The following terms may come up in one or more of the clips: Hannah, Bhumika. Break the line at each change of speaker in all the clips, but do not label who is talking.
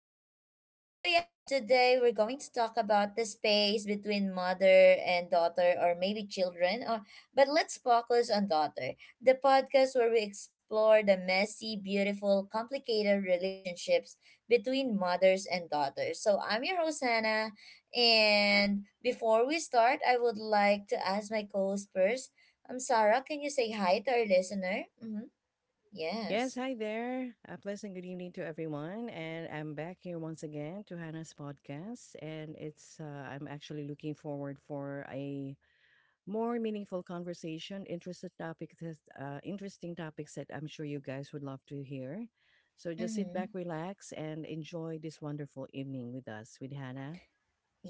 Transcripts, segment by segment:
Sarah. Today we're going to talk about the space between mother and daughter, or maybe children, or but let's focus on daughter. The podcast where we explore the messy, beautiful, complicated relationships between mothers and daughters. So I'm your host Hannah, and before we start, I would like to ask my co-host first. I'm Sarah, can you say hi to our listener? Mhm.
Yes,
Yes.
hi there. A pleasant good evening to everyone. And I'm back here once again to Hannah's podcast. And I'm actually looking forward for a more meaningful conversation, interested interesting topics that I'm sure you guys would love to hear. So just sit back,
Mhm.
relax, and enjoy this wonderful evening with us, with Hannah.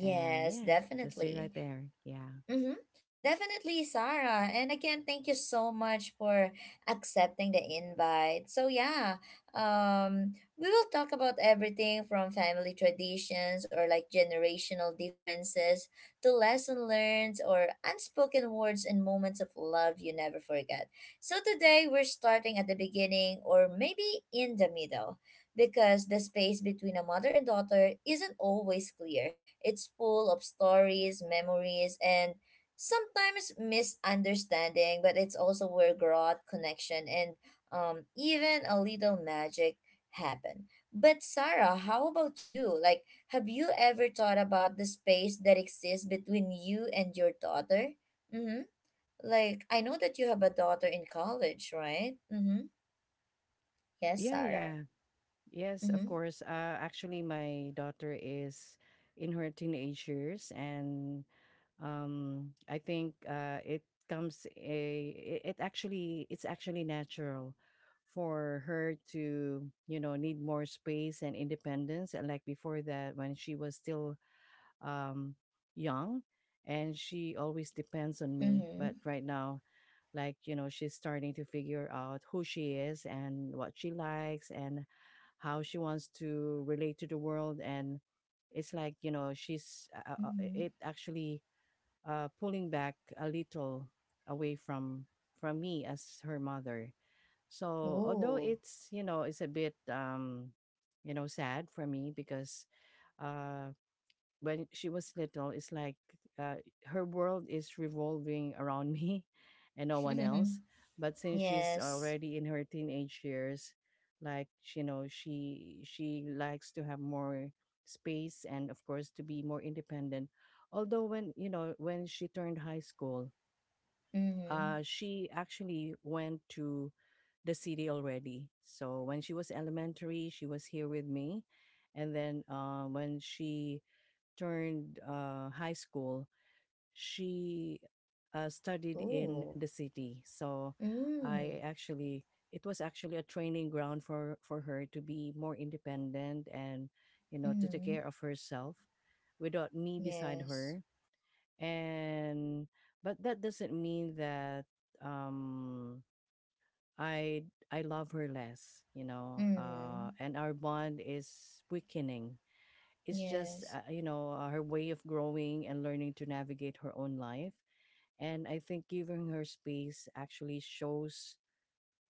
And yeah, just stay
definitely.
right there. Yeah.
Mm-hmm. Definitely, Sarah. And again, thank you so much for accepting the invite. We will talk about everything from family traditions or like generational differences to lesson learned or unspoken words and moments of love you never forget. So today we're starting at the beginning, or maybe in the middle, because the space between a mother and daughter isn't always clear. It's full of stories, memories, and sometimes misunderstanding, but it's also where growth, connection, and even a little magic happen. But Sarah, how about you? Like, have you ever thought about the space that exists between you and your daughter? Mm-hmm. Like, I know that you have a daughter in college, right? Mm-hmm. Yes,
Yeah,
Sarah.
yeah. Yes, of
Mm-hmm.
course. Actually, my daughter is in her teenage years, and I think it comes a it it actually it's actually natural for her to need more space and independence. And like before that, when she was still um, young, and she always depends on me. But
Mm-hmm.
right now, she's starting to figure out who she is and what she likes and how she wants to relate to the world, and it's like you know she's
Mm-hmm.
it actually pulling back a little away from me as her mother. So although
Ooh.
it's a bit sad for me, because uh when she was little, it's like uh, her world is revolving around me and no one else. But since she's
Yes.
already in her teenage years, she likes to have more space and of course to be more independent. Although when you know when she turned high school,
Mm-hmm.
she actually went to the city already. So when she was elementary, she was here with me, and then when she turned high school, she studied in
Ooh.
the city. So I
Mm.
actually, it was actually a training ground for her to be more independent and, you know, to take
Mm-hmm.
care of herself without me beside
Yes.
her. And, but that doesn't mean that um, I, I love her less, you know,
Mm-hmm.
and our bond is weakening. It's just
Yes.
her way of growing and learning to navigate her own life, and I think giving her space actually shows,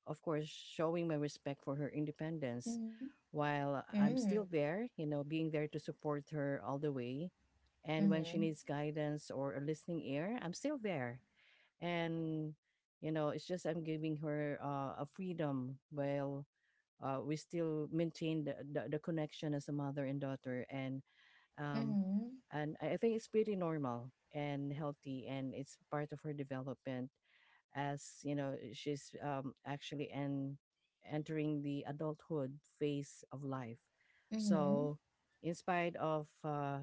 of course, showing my respect for her independence,
Mm-hmm.
while I'm
Mm-hmm.
still there, being there to support her all the way. And when she
Mm-hmm.
needs guidance or a listening ear, I'm still there. And it's just I'm giving her a freedom while we still maintain the connection as a mother and daughter. And um,
Mm-hmm.
I think it's pretty normal and healthy, and it's part of her development, as she's actually entering the adulthood phase of life.
Mm-hmm.
So, in spite of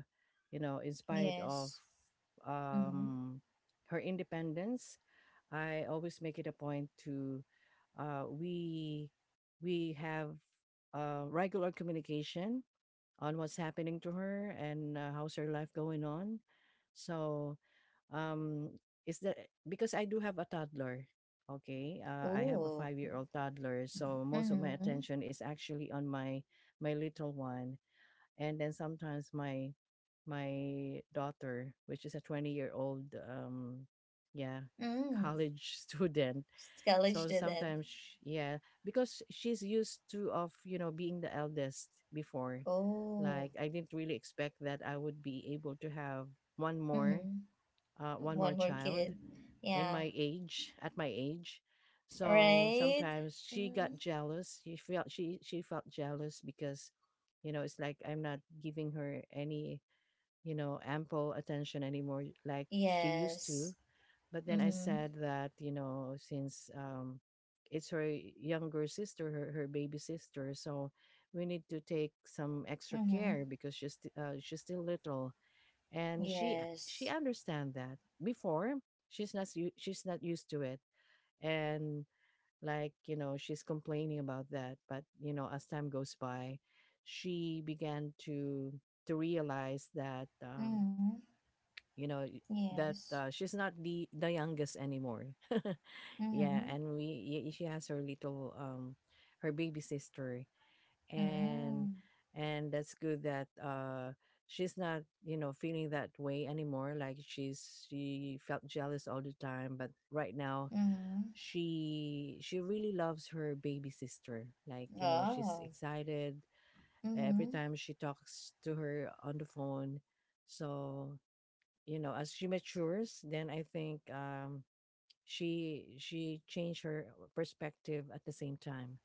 you know, in spite of
Yes. Mm-hmm.
um, her independence, I always make it a point to uh, we we have regular communication on what's happening to her and how's her life going on. So, um, is that because I do have a toddler? Okay, I have a
Ooh.
five-year-old toddler, so most of my
Mm-hmm.
attention is actually on my little one, and then sometimes my daughter, which is a 20-year-old, yeah,
Mm-hmm.
college student.
College
So
student.
yeah, because she's used to of being the eldest before. Like
Oh.
I didn't really expect that I would be able to have one more,
Mm-hmm.
one more
One more
child
kid.
in
Yeah.
my age at my age. So
Right?
sometimes she
Mm-hmm.
got jealous. She felt she felt jealous because, you know, it's like I'm not giving her any ample attention anymore like she used
Yes.
to. But then I
Mm-hmm.
said that, you know, since it's her younger sister, her baby sister, so we need to take some extra
Mm-hmm.
care because she's still little, and she
Yes.
understand that. Before she's not used to it, and she's complaining about that. But you know, as time goes by, she began to realize that
Mm-hmm.
you know y- that
Yes.
she's not the youngest anymore. Yeah,
Mm-hmm.
and she has her little her baby sister. and
Mm-hmm.
and that's good that she's not, feeling that way anymore, like she felt jealous all the time. But right now
Mm-hmm.
she really loves her baby sister. Like she's
Oh.
excited every
Mm-hmm.
time she talks to her on the phone. So as she matures, then I think she changed her perspective at the same time.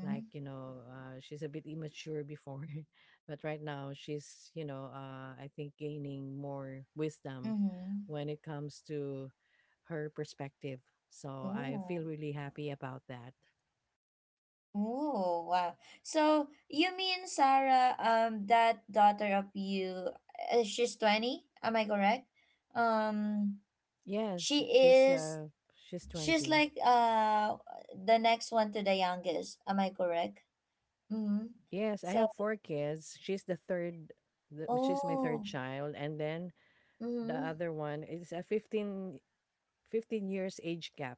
Like she's a bit immature before, but right now she's I think gaining more wisdom
Mm-hmm.
when it comes to her perspective. So I
Oh,
feel really happy about that.
oh, wow. So you mean, Sarah, that daughter of you, she's 20, am I correct? Um,
Yes,
she is,
she's
she's
20.
like the next one to the youngest, am I correct? Mm-hmm.
Yes, I
So,
have four kids. She's the third. She's my third
oh,
child, and then the
mm-hmm,
other one is a fifteen years age gap.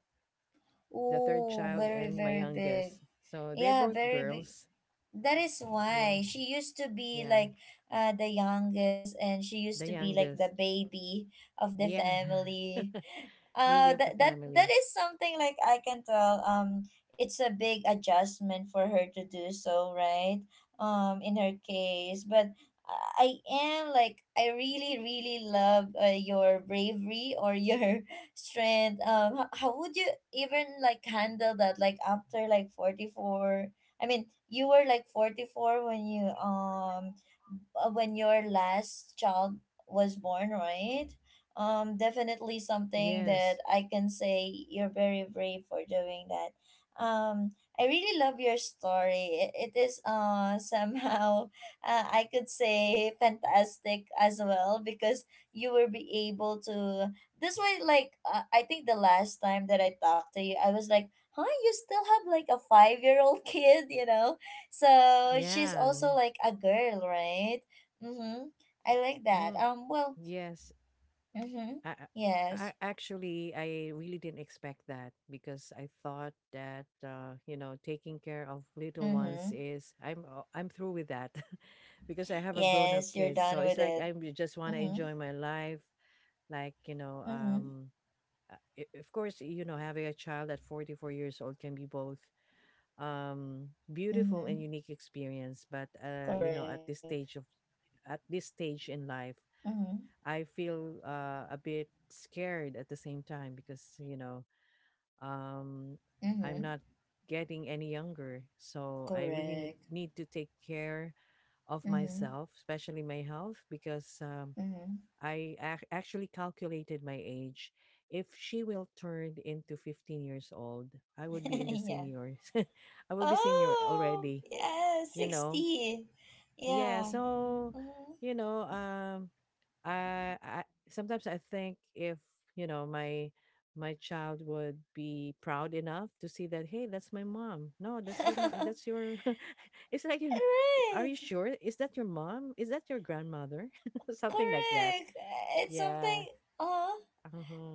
The third
oh,
child
very,
and my
very big.
youngest, so they're
Yeah,
both
very big.
girls.
That is
Yeah.
why she used to be
Yeah,
like the youngest, and she used
the
to be like the
youngest.
baby of the
Yeah.
family. Uh,
Baby of the
that, that that
family.
is something like I can tell, it's a big adjustment for her to do so, right? Um, in her case, but I am like, I really really love your bravery or your strength. Um, how would you even like handle that, like after like 44? I mean, you were like 44 when you when your last child was born, right? Definitely something that
Yes.
I can say, you're very brave for doing that. I really love your story. It is somehow I could say fantastic as well, because you will be able to. This way, like I think the last time that I talked to you, I was like, "Huh, you still have like a 5 year old kid?" You know, so she's
Yeah.
also like a girl, right? Mm-hmm. I like that.
Mm,
Well,
yes.
mm-hmm.
I,
Yes.
I really didn't expect that because I thought that you know, taking care of little ones
Mm-hmm.
is I'm through with that. Because I have a grown up
Yes, you're
kid,
done
so it's
with
like
it.
I just want to
Mm-hmm.
enjoy my life. Like
Mm-hmm.
of course, you know, having a child at 44 years old can be both beautiful and
Mm-hmm.
unique experience. But you know, at
Correct.
this stage of at this stage in life,
Mm-hmm.
I feel a bit scared at the same time, because um, I'm
Mm-hmm.
not getting any younger, so I really need
Correct.
need to take care of
Mm-hmm.
myself, especially my health. Because
Mm-hmm.
actually calculated my age. If she will turn into 15 years old, I would be in the
Yeah.
seniors. I will be senior
Oh,
already,
yeah,
you know.
60.
Yeah,
Yeah.
so
Mm-hmm.
you know, um I sometimes I think if my my child would be proud enough to see that, hey, that's my mom. No, that's your mom, that's your it's like, you know, are you
Right.
sure? Is that your mom? Is that your grandmother? Something like that.
Correct. It's something.
Yeah.
Uh-huh.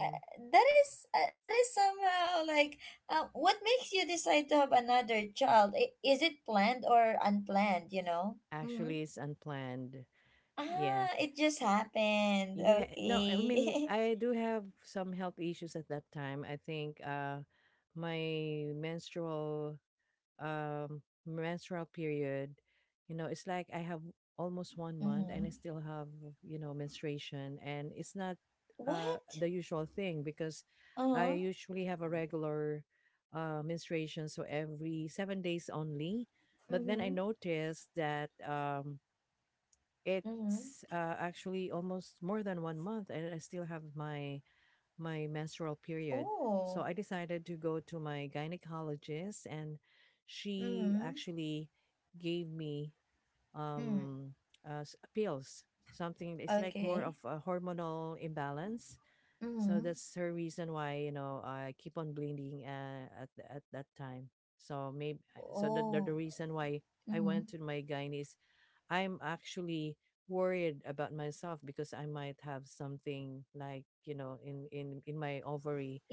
Uh, that is somehow like what makes you decide to have another child? Is it planned or unplanned, you know? Mm-hmm.
Actually, it's unplanned. Yeah.
Ah, it just happened,
Yeah, no, I mean,
okay.
I do have some health issues at that time. I think my menstrual period, you know, it's like I have almost one month and
Mm-hmm.
I still have, you know, menstruation, and it's not
What?
the usual thing, because I
Uh-huh.
usually have a regular menstruation, so every 7 days only. But then I
Mm-hmm.
noticed that
Mm-hmm.
it's actually almost more than 1 month and I still have my my menstrual period. So
Oh.
I decided to go to my gynecologist, and she
Mm-hmm.
actually gave me
Mm.
um, pills. Something it's like more
Okay.
of a hormonal imbalance. So
Mm-hmm.
that's her reason why, you know, I keep on bleeding at that time. So maybe so
Oh.
the reason why I
Mm-hmm.
went to my gynae is I'm actually worried about myself, because I might have something like, you know, in in my ovary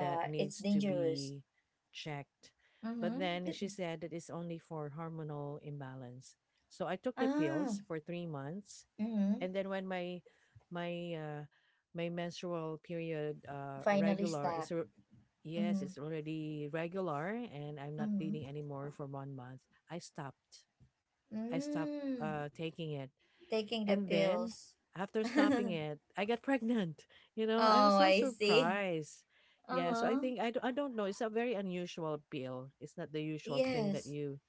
that
it's
needs to
dangerous.
be checked. But then she
Mm-hmm.
said that it's only for hormonal imbalance. So I took the pills
Ah.
for 3 months,
Mm-hmm.
and then when my uh my menstrual period
Finally
regular is
stop.
r- yes, it's
Mm-hmm.
already regular and I'm not bleeding
Mm-hmm.
anymore for 1 month. I stopped. I stopped
Mm,
taking it.
taking the
And then
pills.
after stopping it, I got pregnant. You know, I
Oh,
was so
I see.
surprised. Yeah, so I
Uh-huh.
think I don't know. It's a very unusual pill. It's not the usual thing
Yes.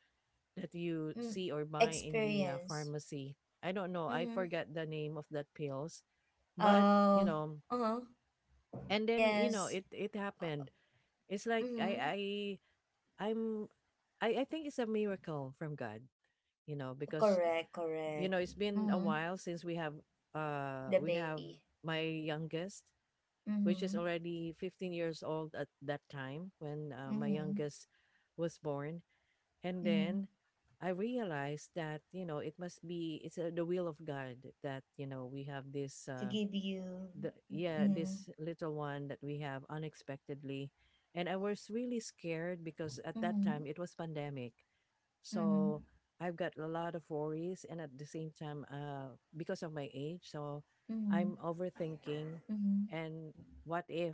that you
Mm,
see or buy in the
experience.
pharmacy. I don't know. I
Mm-hmm.
forgot the name of that pills, but you
Oh,
know,
uh-huh.
and then you know,
Yes.
it
Uh,
happened. It's like
mm-hmm.
I I'm I think it's a miracle from God, you know, because
Correct,
you
correct.
know it's been a
Mm-hmm.
while since
The
we have
baby.
my youngest, which
Mm-hmm.
is already 15 years old at that time, when my
Mm-hmm.
youngest was born. And
Mm-hmm.
then I realized that, you know, it must be, it's the will of God, that, you know, we have this
To give you.
the yeah
Mm-hmm.
this little one that we have unexpectedly. And I was really scared because at that
Mm-hmm.
time it was pandemic.
Mm-hmm.
So I've got a lot of worries, and at the same time, because of my age, so I'm
Mm-hmm.
overthinking.
Mm-hmm.
And what if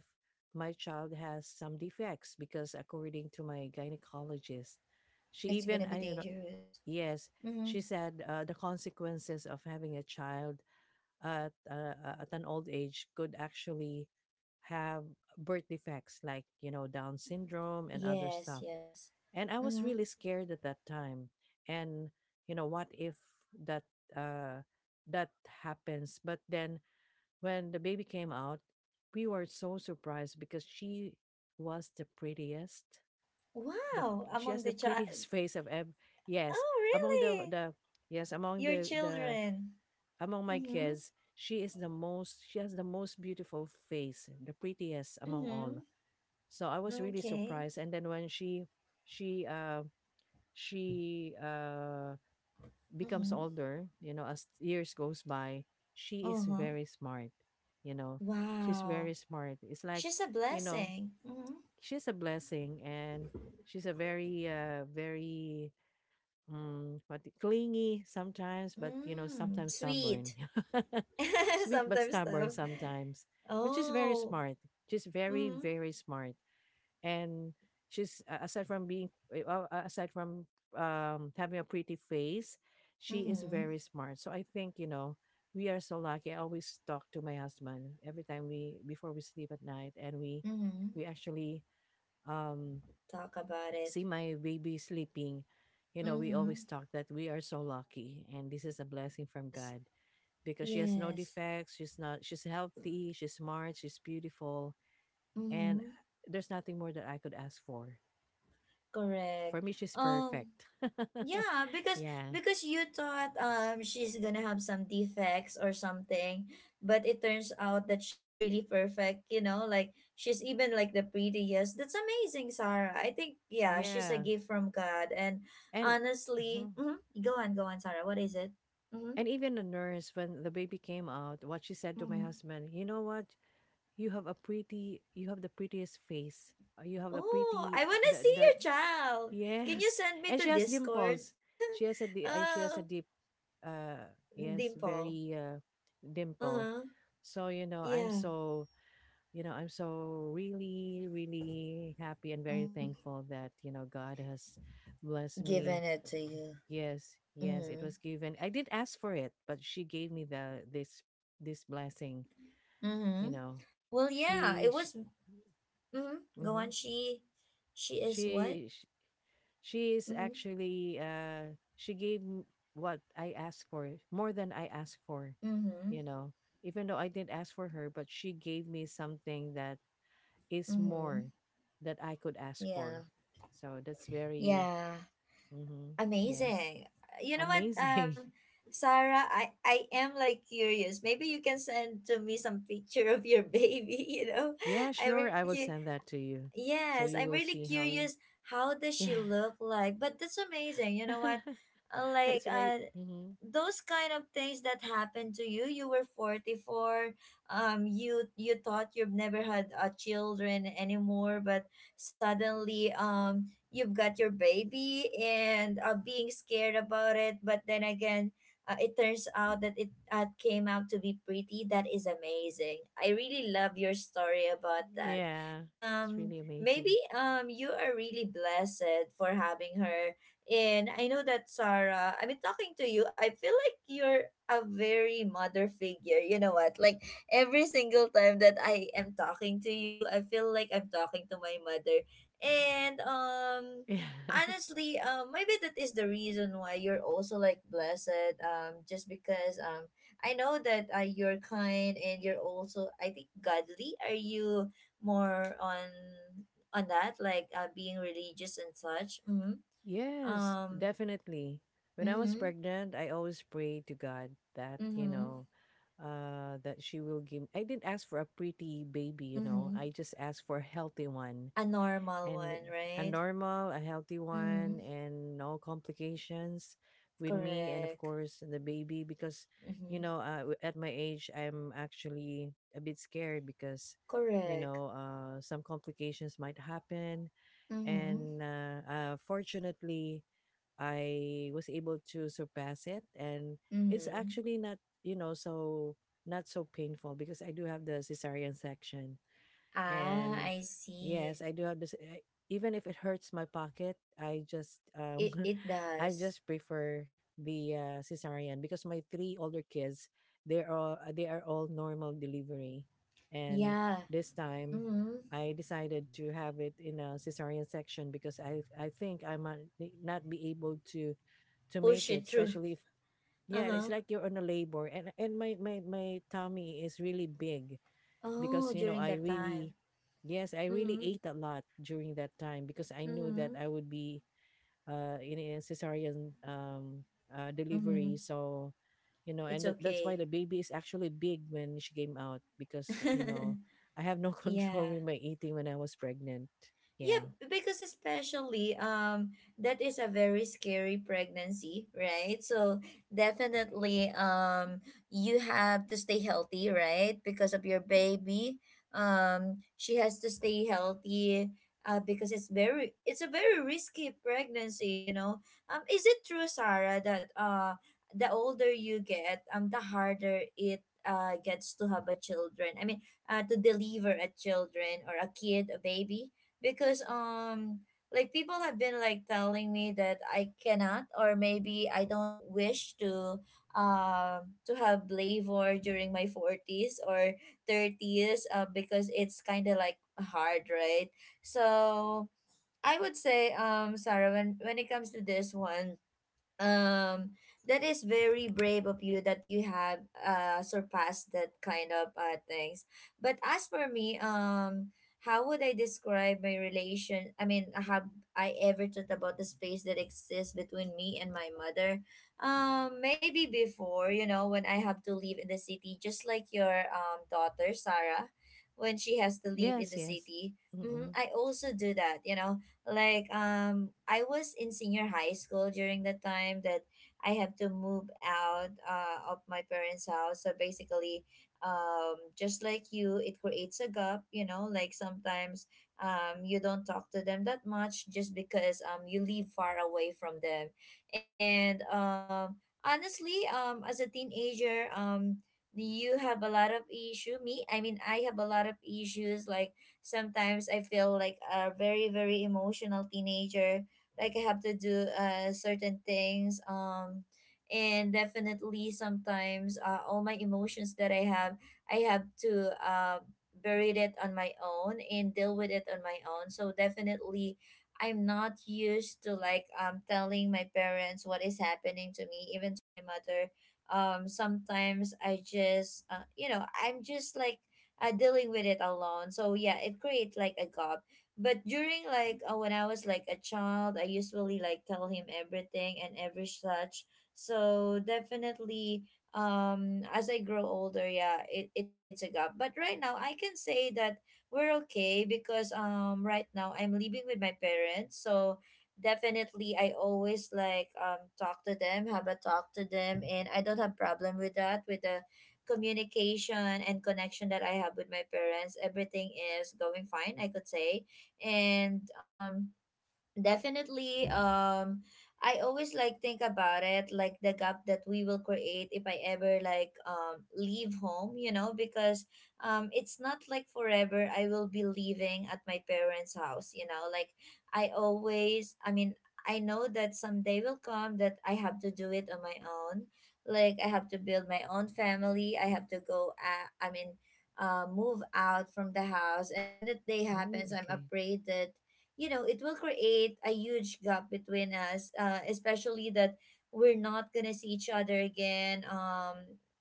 my child has some defects? Because according to my gynecologist, she
It's
even
gonna
I
be
don't know.
dangerous.
Yes,
Mm-hmm.
she said the consequences of having a child at an old age could actually have birth defects, like you know, Down syndrome and other
Yes,
stuff.
yes.
And I was
Mm-hmm.
really scared at that time. And you know, what if that uh that happens? But then when the baby came out, we were so surprised because she was the prettiest. The
Wow,
she has
among
the
the child.
prettiest face of ever. Yes,
Oh,
among
really?
the yes among
Your
the
children.
among my
Mhm.
kids, she is the most. She has the most beautiful face, the prettiest among all.
Mhm.
So I was really
Okay.
surprised. And then when she she uh she uh, becomes
Mhm.
older, you know, as years goes by, she is
Uh-huh.
very smart. You know, she's
Wow.
very smart. It's like,
She's a
you know,
blessing. Mhm.
she's a blessing and she's a very, very, what clingy sometimes, but, you know,
Mm,
sometimes
sweet.
stubborn. Sweet, but
Sometimes
stubborn
tough.
sometimes. But she's very
Oh.
smart. She's very,
Mhm.
very smart and aside from having a pretty face, she is
Mhm.
very smart, so I think, you know, we are so lucky. I always talk to my husband every time we before we sleep at night, and
Mhm.
we actually um
Talk about
see
it.
my baby sleeping. You know, we always
Mhm.
talk that we are so lucky and this is a blessing from
Yes.
God because she has no
Yes.
defects. She's not, she's healthy, she's smart, she's beautiful, and
Mhm.
there's nothing more that I could ask for.
Correct.
For me, she's
Um,
perfect.
yeah, because
Yeah,
you thought, um, she's gonna have some defects or something, but it turns out that she's really perfect, you know, like, she's even like the prettiest. That's amazing, Sarah. I think, yeah, she's a
yeah,
gift from God. And
and
honestly,
mhm.
mm-hmm, go on, go on, Sarah. What is it? Mm-hmm.
And even the nurse, when the baby came out, what she said to my
Mm-hmm.
husband, you know what? You have a pretty, you have the prettiest face. You have a
Oh,
pretty,
I wanna see
the
your child. Can you
yes,
send me
and she
to
has
Discord?
dimples. She has
Oh,
a deep, yes,
dimple.
very dimple.
Uh-huh.
So you know, I'm
Yeah.
so you know, I'm so really, really happy and very
Mm-hmm.
thankful that, you know, God has blessed
Giving
me.
it to you.
Yes, yes, it
Mhm.
was given. I didn't ask for it, but she gave me the this this blessing, you
Mm-hmm.
know.
Well, yeah,
She
it
she
was. Mm-hmm. Go
mhm.
on. She is what?
she, sh she is
Mm-hmm.
actually she gave what I asked for, more than I asked for,
Mm-hmm.
you know. Even though I didn't ask for her, but she gave me something that is
Mm-hmm.
more that I could ask for.
Yeah.
So that's very,
Yeah.
mhm, yes,
Amazing. You know what,
amazing.
Sarah, I am like curious. Maybe you can send to me some picture of your baby. You know,
Yeah,
I'm
sure. I
really
will
cu-
send that to you. So
yes,
you
I'm
will
really
see how,
curious. How does
yeah.
she look like? But that's amazing. You know what? Uh, Like,
It's very,
uh,
mhm,
those kind of things that happened to you, you were 44, you you thought you've never had children anymore, but suddenly, um, you've got your baby, and being scared about it, but then again, it turns out that it came out to be pretty. That is amazing, I really love your story about that.
yeah, it's really
Um,
amazing.
maybe, um, you are really blessed for having her. And I know that, Sarah, I've been talking to you, I feel like you're a very mother figure. You know what? Like, every single time that I am talking to you, I feel like I'm talking to my mother. And
Yeah.
honestly, um, maybe that is the reason why you're also like blessed. Um, just because, um, I know that you're kind, and you're also I think godly. Are you more on that like being religious and such? Mhm.
Yes,
Um,
definitely. When I was
mhm,
pregnant, I always prayed to God that, you
mhm,
know, uh that she will give I didn't ask for a pretty baby, you know.
mhm.
I just asked for a healthy one
A normal
and
one,
a
right?
normal, a healthy one,
Mhm.
and no complications with me, and of
Correct.
course the baby. Because you
Mhm.
know, at my age, I'm actually a bit scared because you
Correct.
know some complications might happen,
Mhm.
and fortunately, I was able to surpass it, and it's
Mhm.
actually you know so not so painful because I do have the cesarean section,
Ah,
and
I see.
yes, I do have this. Even if it hurts my pocket, I just
It
I
does.
just prefer the cesarean because my three older kids, they are all normal delivery, and
Yeah.
this time
Mhm.
I decided to have it in a cesarean section because I think I might not be able to
Push
make it,
it through.
especially if yeah, it's
Uh-huh.
like you're on a labor, and my tummy is really big, because
Oh,
you know
during
I
that
really
time.
yes, I really
Mhm.
ate a lot during that time because I knew that
Mhm.
I would be in a cesarean delivery.
Mhm.
So you know,
It's
and that's why
okay.
the baby is actually big when she came out, because you know I have no
Yeah.
control with my eating when I was pregnant.
Yeah,
Yeah.
because especially, um, that is a very scary pregnancy, right? So definitely, um, you have to stay healthy, right? Because of your baby. Um, she has to stay healthy because it's very, it's a very risky pregnancy, you know. Um, is it true, Sarah, that the older you get, um, the harder it gets to have a children. I mean, to deliver a children or a kid, a baby? Because, um, like, people have been like telling me that I cannot, or maybe I don't wish to have labor during my 40s or 30s, because it's kind of like hard, right? So I would say, um, Sarah, when it comes to this one, um, that is very brave of you that you have surpassed that kind of things. But as for me, how would I describe my relation? I mean, have I ever thought about the space that exists between me and my mother? Maybe before, you know, when I have to live in the city, just like your, um, daughter Sarah, when she has to live in
Yes,
the
yes.
city. Mm-hmm,
Mm-mm.
I also do that, you know, like, um, I was in senior high school during the time that I have to move out, of my parents house, so basically, um, just like you, it creates a gap, you know, like, sometimes, um, you don't talk to them that much just because, um, you live far away from them. And, um, honestly, um, as a teenager, um, you have a lot of issue me I mean I have a lot of issues. Like, sometimes I feel like a very very emotional teenager. Like, I have to do certain things. And definitely sometimes, all my emotions that I have to bury it on my own and deal with it on my own. So definitely, I'm not used to, like, um, telling my parents what is happening to me, even to my mother. Sometimes I just, you know, I'm just like, dealing with it alone. So yeah, it creates like a gap. But during like, when I was like a child, I usually like tell him everything and every such. So definitely, as I grow older, yeah, it creates a gap. But right now, I can say that we're okay because, um, right now I'm living with my parents, so definitely I always like, um, talk to them, have a talk to them, and I don't have problem with that, with the communication and connection that I have with my parents. Everything is going fine, I could say. And definitely, I always like think about it, like the gap that we will create if I ever like leave home, you know, because it's not like forever I will be living at my parents' house, you know, like I always, I mean, I know that someday will come that I have to do it on my own, like I have to build my own family, I have to go, I mean, move out from the house, and when that day
Mm,
happens, I'm
okay.
afraid that you know it will create a huge gap between us, especially that we're not gonna see each other again,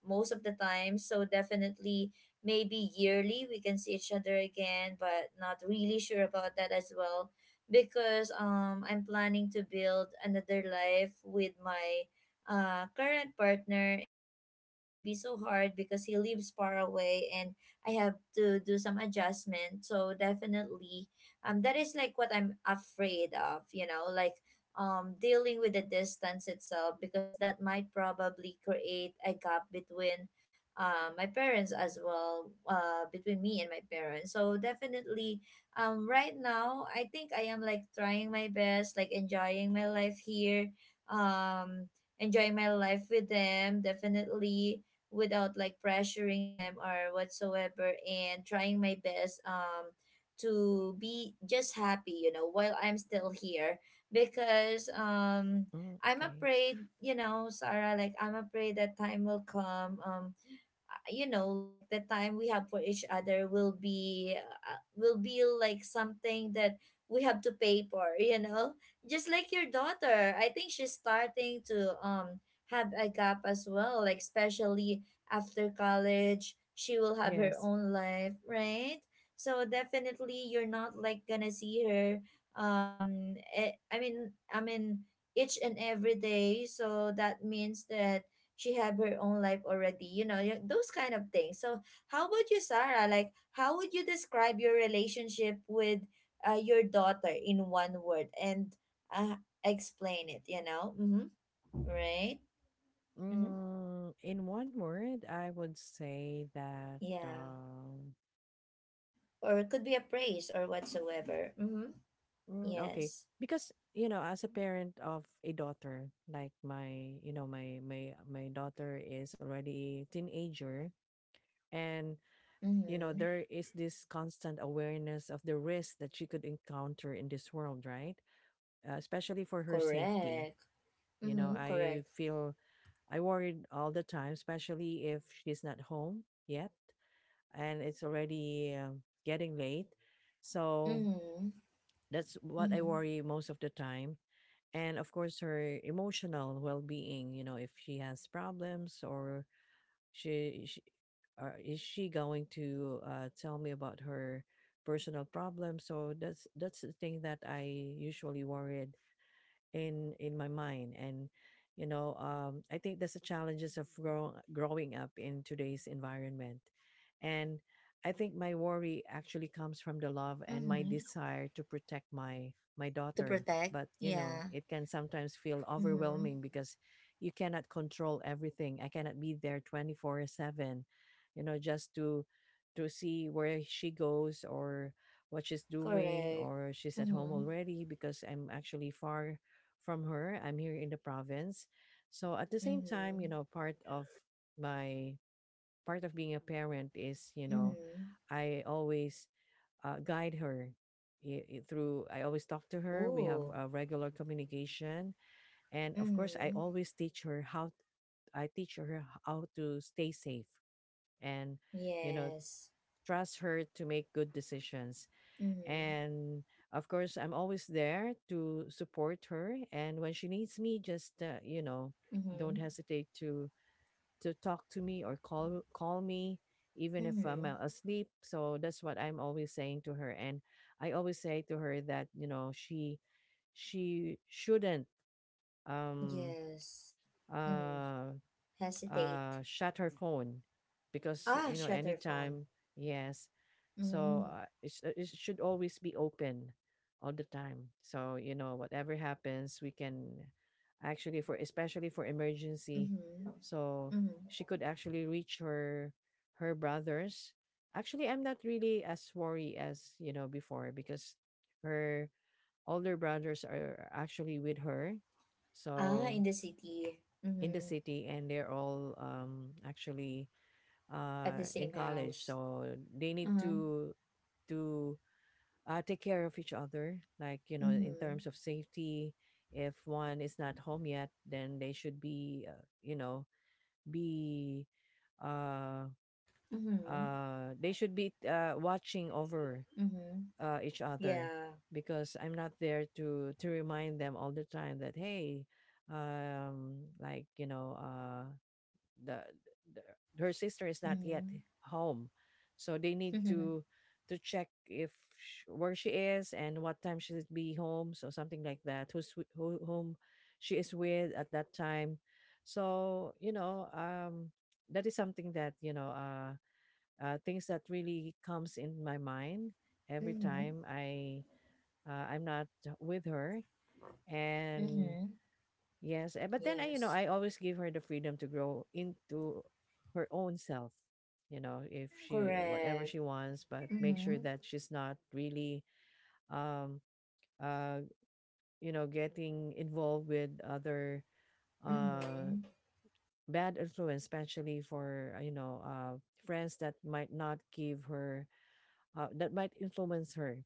most of the time. So definitely maybe yearly we can see each other again, but not really sure about that as well because I'm planning to build another life with my current partner, and that's gonna be so hard because he lives far away and I have to do some adjustment. So definitely that is like what I'm afraid of, you know, like dealing with the distance itself, because that might probably create a gap between my parents as well between me and my parents. So definitely right now I think I am like trying my best, like enjoying my life here, um enjoying my life with them, definitely, without like pressuring them or whatsoever, and trying my best to be just happy, you know, while I'm still here because
Mm,
I'm
okay.
afraid, you know, Sarah, like I'm afraid that time will come, you know, like the time we have for each other will be like something that we have to pay for, you know. Just like your daughter, I think she's starting to have a gap as well, like especially after college she will have her
Yes.
own life, right? So definitely you're not like gonna see her, I mean, each and every day. So that means that she have her own life already, you know. Those kind of things. So how about you, Sarah? Like how would you describe your relationship with your daughter in one word and uh, explain it. Mm-hmm. Right. Mm-hmm.
Mm, in one word, I would say that
Yeah, or it could be a praise or whatsoever. Mm-hmm.
mm, okay.
Yes.
Because, you know, as a parent of a daughter, like my, you know, my daughter is already a teenager, and you know,
Mm-hmm.
there is this constant awareness of the risk that she could encounter in this world, right? Especially for her
Correct.
safety. You know,
Mm-hmm. Correct.
I worried all the time, especially if she's not home yet, and it's already getting late. So
Mm-hmm.
that's what I
Mm-hmm.
worry most of the time, and of course her emotional well-being. You know, if she has problems, she, she or is she going to tell me about her personal problems, so that's the thing that I usually worried in my mind. And you know, I think that's the challenges of growing up in today's environment, and I think my worry actually comes from the love and my
Mm-hmm.
desire to protect my
Pro- to
daughter,
protect.
but you
Yeah.
know it can sometimes feel
Mm-hmm.
overwhelming because you cannot control everything. I cannot be there 24/7, you know, just to see where she goes or what she's doing
Correct.
or she's at home
Mm-hmm.
already, because I'm actually far from her. I'm here in the province. So at the same time,
Mm-hmm.
you know, my part of being a parent is, you know,
Mm-hmm.
I always guide her I- through I always talk to her. We have
Oh.
a regular communication, and of course I
Mm-hmm.
always teach her how I teach her how to stay safe and, you know,
Yes.
trust her to make good decisions,
Mm-hmm.
and of course I'm always there to support her, and when she needs me, just you know,
Mm-hmm.
don't hesitate to talk to me or call me, even if I'm
Mm-hmm.
asleep. So that's what I'm always saying to her, and I always say to her that, you know, she shouldn't um
Yes. Mm.
uh
Hesitate.
shut her phone,
Ah,
because you know
shutter phone.
anytime yes,
Mm.
so it should always be open all the time. So you know, whatever happens, we can actually, for especially for emergency,
Mm-hmm.
so
Mm-hmm.
she could actually reach her brothers. Actually I'm not really as worried as you know before, because her older brothers are actually with her,
Ah, in
so
the city.
in
Mm-hmm.
the city, and they're all actually
At the same
in college.
house.
So they need
Uh-huh.
to take care of each other, like you know, in
Mm-hmm.
terms of safety. If one is not home yet, then they should be you know, be uh
Mm-hmm.
they should be watching over
Mm-hmm.
each other,
Yeah.
because I'm not there to remind them all the time that, hey, like you know, the, the her sister is not yet
Mm-hmm.
home, so they need to check if sh where she is and what time she should be home, so something like that. Who, whom she is with at that time. So you know, that is something that you know, things that really comes in my mind every
Mm-hmm.
time I I'm not with her.
Mm-hmm.
And yes, eh, but then I, you
Yes.
know, I always give her the freedom to grow into her own self. You know, if she whatever
Correct.
she wants, but make
Mm-hmm.
sure that she's not really, um, uh, you know, getting involved with other uh
Mm-hmm.
bad influence, especially for you know, friends that might not give her, that might influence her.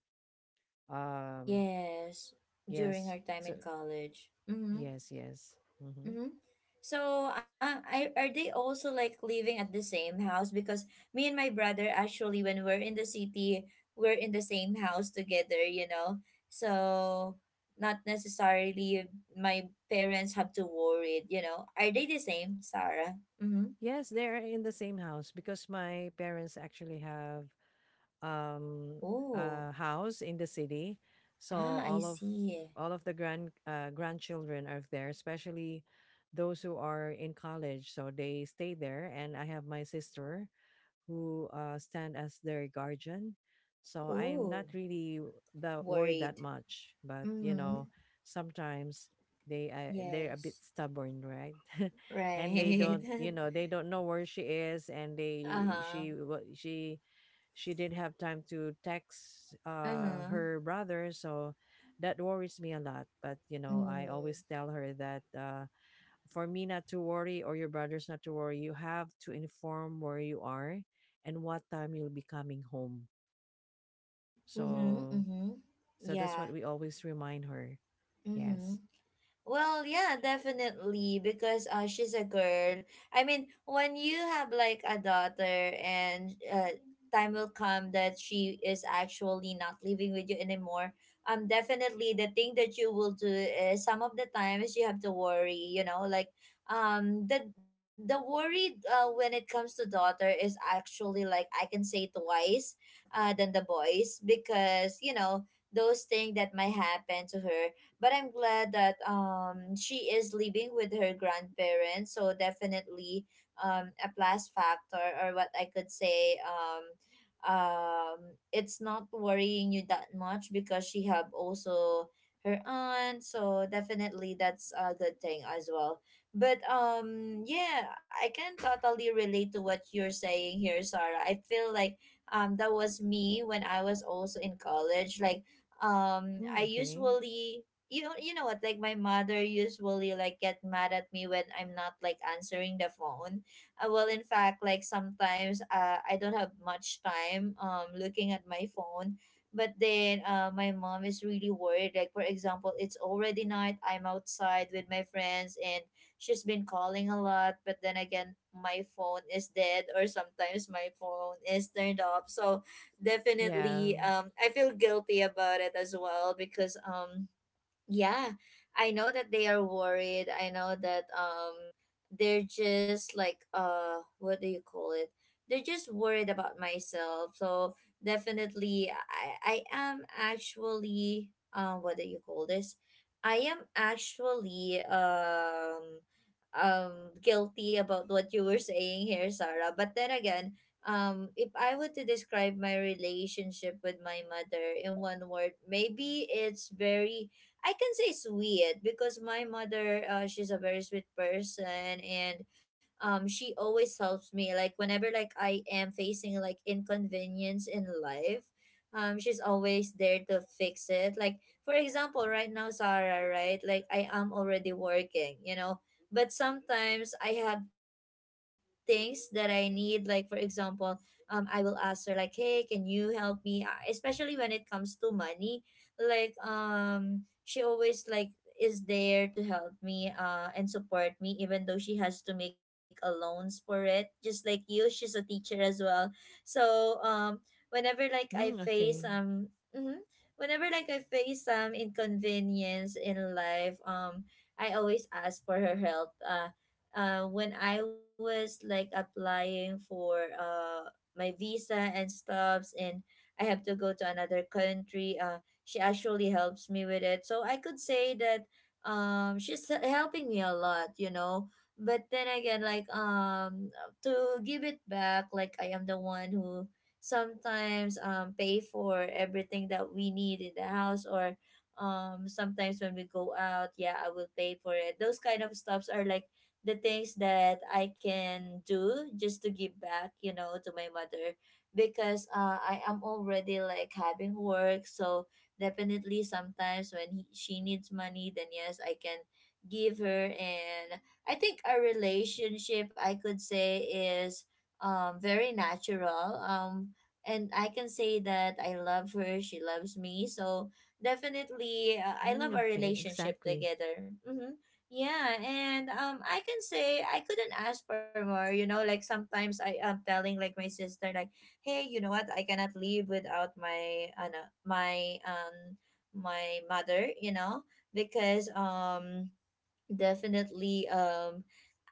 Um,
Yes,
yes,
during our
so
time in college. Mm-hmm.
yes, yes. Mm-hmm.
Mm-hmm. So, are they also like living at the same house? Because me and my brother, actually, when we're in the city, we're in the same house together, you know? So, not necessarily my parents have to worry, you know? Are they the same, Sarah? Mm-hmm.
Yes, they're in the same house because my parents actually have um
Oh,
a house in the city. So
ah, I see.
all of the grandchildren are there, especially those who are in college. So they stay there, and I have my sister who stand as their guardian. So I'm not
Oh,
really that worried that
worried.
much, but you
Mm-hmm.
know, sometimes they're a bit
Yes,
stubborn, right? And they
right.
don't, you know, they don't know where she is, and they
Uh-huh.
she wa- she didn't have time to text
Uh-huh.
her brother, so that worries me a lot. But you know, I
Mm.
always tell her that. For me not to worry, or your brothers not to worry, you have to inform where you are and what time you'll be coming home.
Mm-hmm.
So
Mm-hmm.
that's
Yeah.
what we always remind her. Yes.
Mm-hmm. Well, yeah, definitely because she's a girl. I mean, when you have like a daughter and time will come that she is actually not living with you anymore. Definitely the thing that you will do is some of the times you have to worry, you know, like the worry, when it comes to daughter, is actually like I can say twice than the boys because, you know, those things that might happen to her. But I'm glad that she is living with her grandparents. So definitely a plus factor, or what I could say, um it's not worrying you that much because she have also her aunt. So definitely that's a good thing as well. But yeah, I can totally relate to what you're saying here, Sarah. I feel like that was me when I was also in college. Like
Mm,
I
okay.
usually, you know, you know what, like my mother usually like get mad at me when I'm not like answering the phone, well, in fact like sometimes I don't have much time looking at my phone. But then my mom is really worried, like for example it's already night, I'm outside with my friends, and she's been calling a lot, but then again my phone is dead or sometimes my phone is turned off. So
Yeah.
definitely I feel guilty about it as well because yeah, I know that they are worried. I know that they're just like, what do you call it? They're just worried about myself. So definitely I am actually, what do you call this? I am actually guilty about what you were saying here, Sarah. But then again, if I were to describe my relationship with my mother in one word, maybe it's very, I can say it's weird because my mother, she's a very sweet person, and she always helps me. Like whenever like I am facing like inconvenience in life, she's always there to fix it. Like for example, right now, Sarah, right? Like I am already working, you know, but sometimes I have things that I need. Like for example, I will ask her like, "Hey, can you help me?" Especially when it comes to money, like she always like is there to help me and support me, even though she has to make a loans for it, just like you, she's a teacher as well. So whenever like I
Mm,
face
okay.
mhm, whenever like I face some inconvenience in life, I always ask for her help. When I was like applying for my visa and stuffs and I have to go to another country, she actually helps me with it. So I could say that helping me a lot, you know. But then again, like, to give it back, like I am the one who sometimes pay for everything that we need in the house, or sometimes when we go out, yeah, I will pay for it. Those kind of stuffs are like the things that I can do just to give back, you know, to my mother, because I am already like having work. So definitely sometimes when she needs money, then yes, I can give her. And I think our relationship, I could say, is very natural, and I can say that I love her, she loves me. So definitely, I love
Mm,
our
okay.
relationship
Exactly.
together. Mm-hmm. Yeah, and I can say I couldn't ask for more, you know. Like sometimes I am telling like my sister, like, hey, you know what? I cannot live without my my um my mother, you know, because definitely,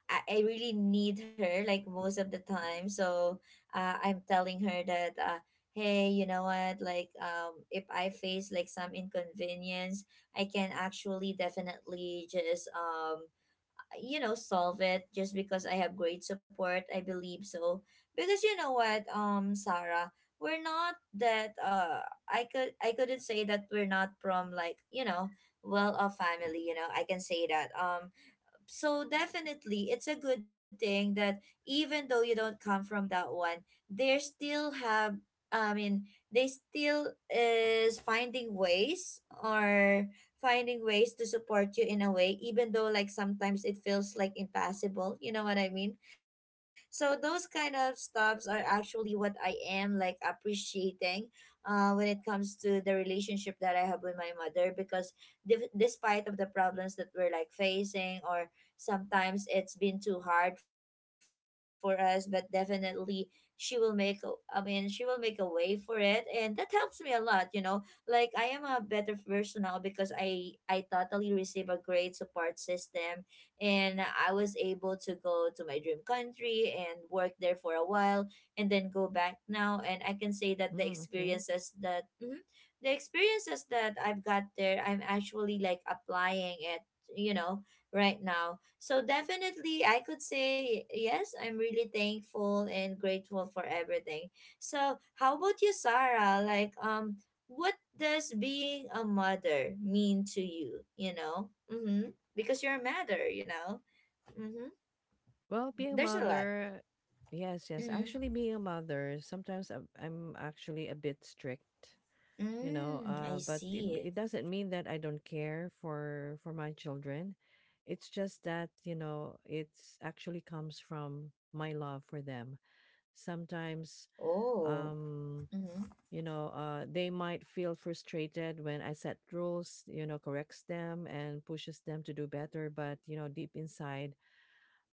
I really need her like most of the time. So, I'm telling her that, hey, you know what? Like if I face like some inconvenience, I can actually definitely just you know, solve it, just because I have great support, I believe. So because you know what, Sarah, we're not that, I couldn't say that we're not from like, you know, well off family, you know. I can say that, so definitely it's a good thing that even though you don't come from that one, they still have, I mean, they still is finding ways, or finding ways to support you in a way, even though like sometimes it feels like impossible, you know what I mean. So those kind of stops are actually what I am like appreciating when it comes to the relationship that I have with my mother, because despite of the problems that we're like facing, or sometimes it's been too hard for us, but definitely she will make a- I mean she will make a way for it, and that helps me a lot, you know. Like I am a better person now because I totally receive a great support system, and I was able to go to my dream country and work there for a while, and then go back now. And I can say that
Mm, okay.
the experiences that I've got there, I'm actually like applying it, you know, right now. So definitely I could say, yes, I'm really thankful and grateful for everything. So how about you, Sarah? Like what does being a mother mean to you, you know? Mhm. Because you're a mother, you know. Mhm.
Well, being a
There's a lot.
mother, yes, yes.
Mhm.
Actually, being a mother, sometimes I'm actually a bit strict, you know,
Mm, I
but
see.
it doesn't mean that I don't care for my children. It's just that, you know, it's actually comes from my love for them sometimes.
Oh.
um
Mhm.
you know, they might feel frustrated when I set rules, you know, corrects them and pushes them to do better, but you know deep inside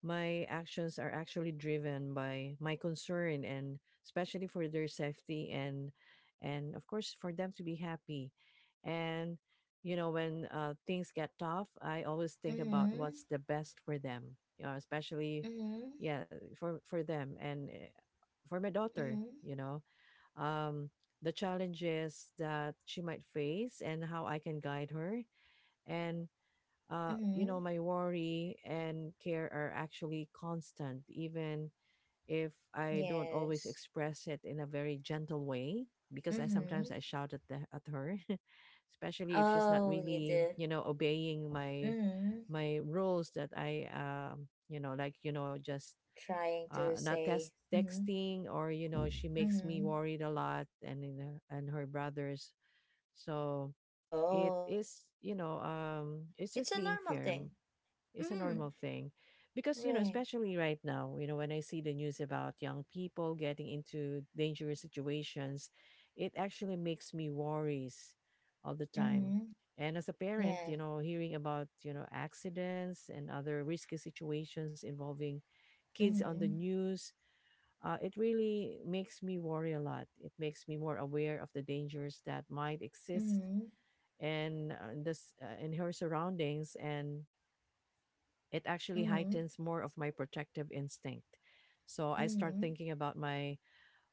my actions are actually driven by my concern, and especially for their safety, and of course for them to be happy. And you know, when things get tough, I always think about
Mhm.
what's the best for them. You know, especially
Mhm.
yeah, for them and for my daughter,
Mhm.
you know. Um the challenges that she might face and how I can guide her, and you know,
Mhm.
my worry and care are actually constant, even if I don't always
Yes.
express it in a very gentle way, because I sometimes
Mhm.
I shout at her, especially if she's not
Oh, you
really,
do.
you know, obeying my
Mhm.
my rules that I, you know, like just
Trying to
not
say.
test
Mm-hmm.
texting, or, you know, she makes me
Mm-hmm.
worried a lot, and in her, and her brothers. So it
Oh.
is, you know,
Mm-hmm.
it's
It's
just
a
being
normal thing.
firm, it's a
Mm-hmm.
normal thing. Because, you know,
Right.
especially right now, you know, when I see the news about young people getting into dangerous situations, it actually makes me worries all the time.
Mm-hmm.
And as a parent,
Yeah.
you know, hearing about, you know, accidents and other risky situations involving kids on the
Mm-hmm.
news, it really makes me worry a lot. It makes me more aware of the dangers that might exist,
Mm-hmm.
and this in her surroundings, and it actually
Mm-hmm.
heightens more of my protective instinct. So I start
Mm-hmm.
thinking about my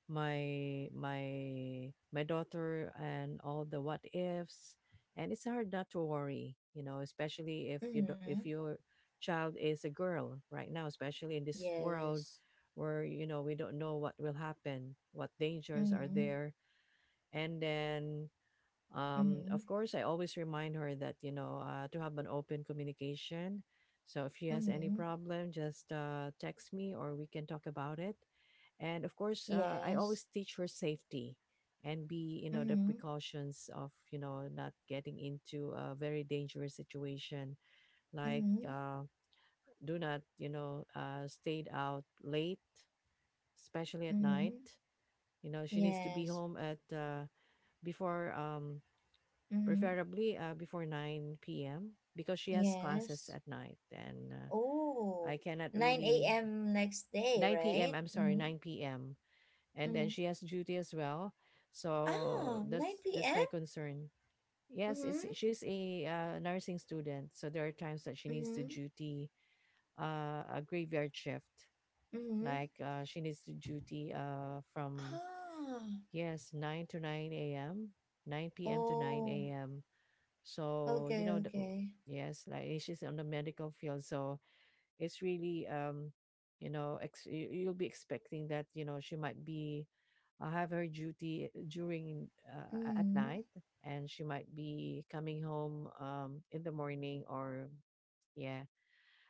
my my my daughter and all the what ifs, and it's hard not to worry, you know, especially if you do,
Mm-hmm.
if your child is a girl right now, especially in this world
Yes.
where, you know, we don't know what will happen, what dangers are
Mm-hmm.
there. And then
Mm-hmm.
of course, I always remind her that, you know, to have an open communication. So if she has any
Mm-hmm.
problem, just text me, or we can talk about it. And of course, I
Yes.
always teach her safety, and be, you know, the
Mm-hmm.
precautions of, you know, not getting into a very dangerous situation. Like,
Mm-hmm.
do not, you know, stayed out late, especially at night.
Mm-hmm.
You know, she needs to be
Yes.
home at, before,
Mm-hmm.
preferably, before 9 p.m., because she has classes
Yes.
at night, and
Oh,
I cannot
9
really.
a.m next day,
9 p.m.,
right?
I'm sorry,
Mm-hmm.
9 p.m., and then
Mm-hmm.
she has duty as well.
Ah,
So
9
that's
p.m.
my concern. Yes, it's,
Mm-hmm.
she's a nursing student, so there are times that she needs to
Mhm.
duty a graveyard shift.
Mhm.
Like, she needs to duty, from,
Ah.
yes, 9 to 9 a.m., 9 p.m. to
Oh.
9 a.m. So, you
Okay.
know, oh,
Okay.
yes, like, and she's on the medical field, so it's really, you know, you'll be expecting that, you know, she might be, have her duty during, at
Mhm.
night, and she might be coming home in the morning, or, yeah,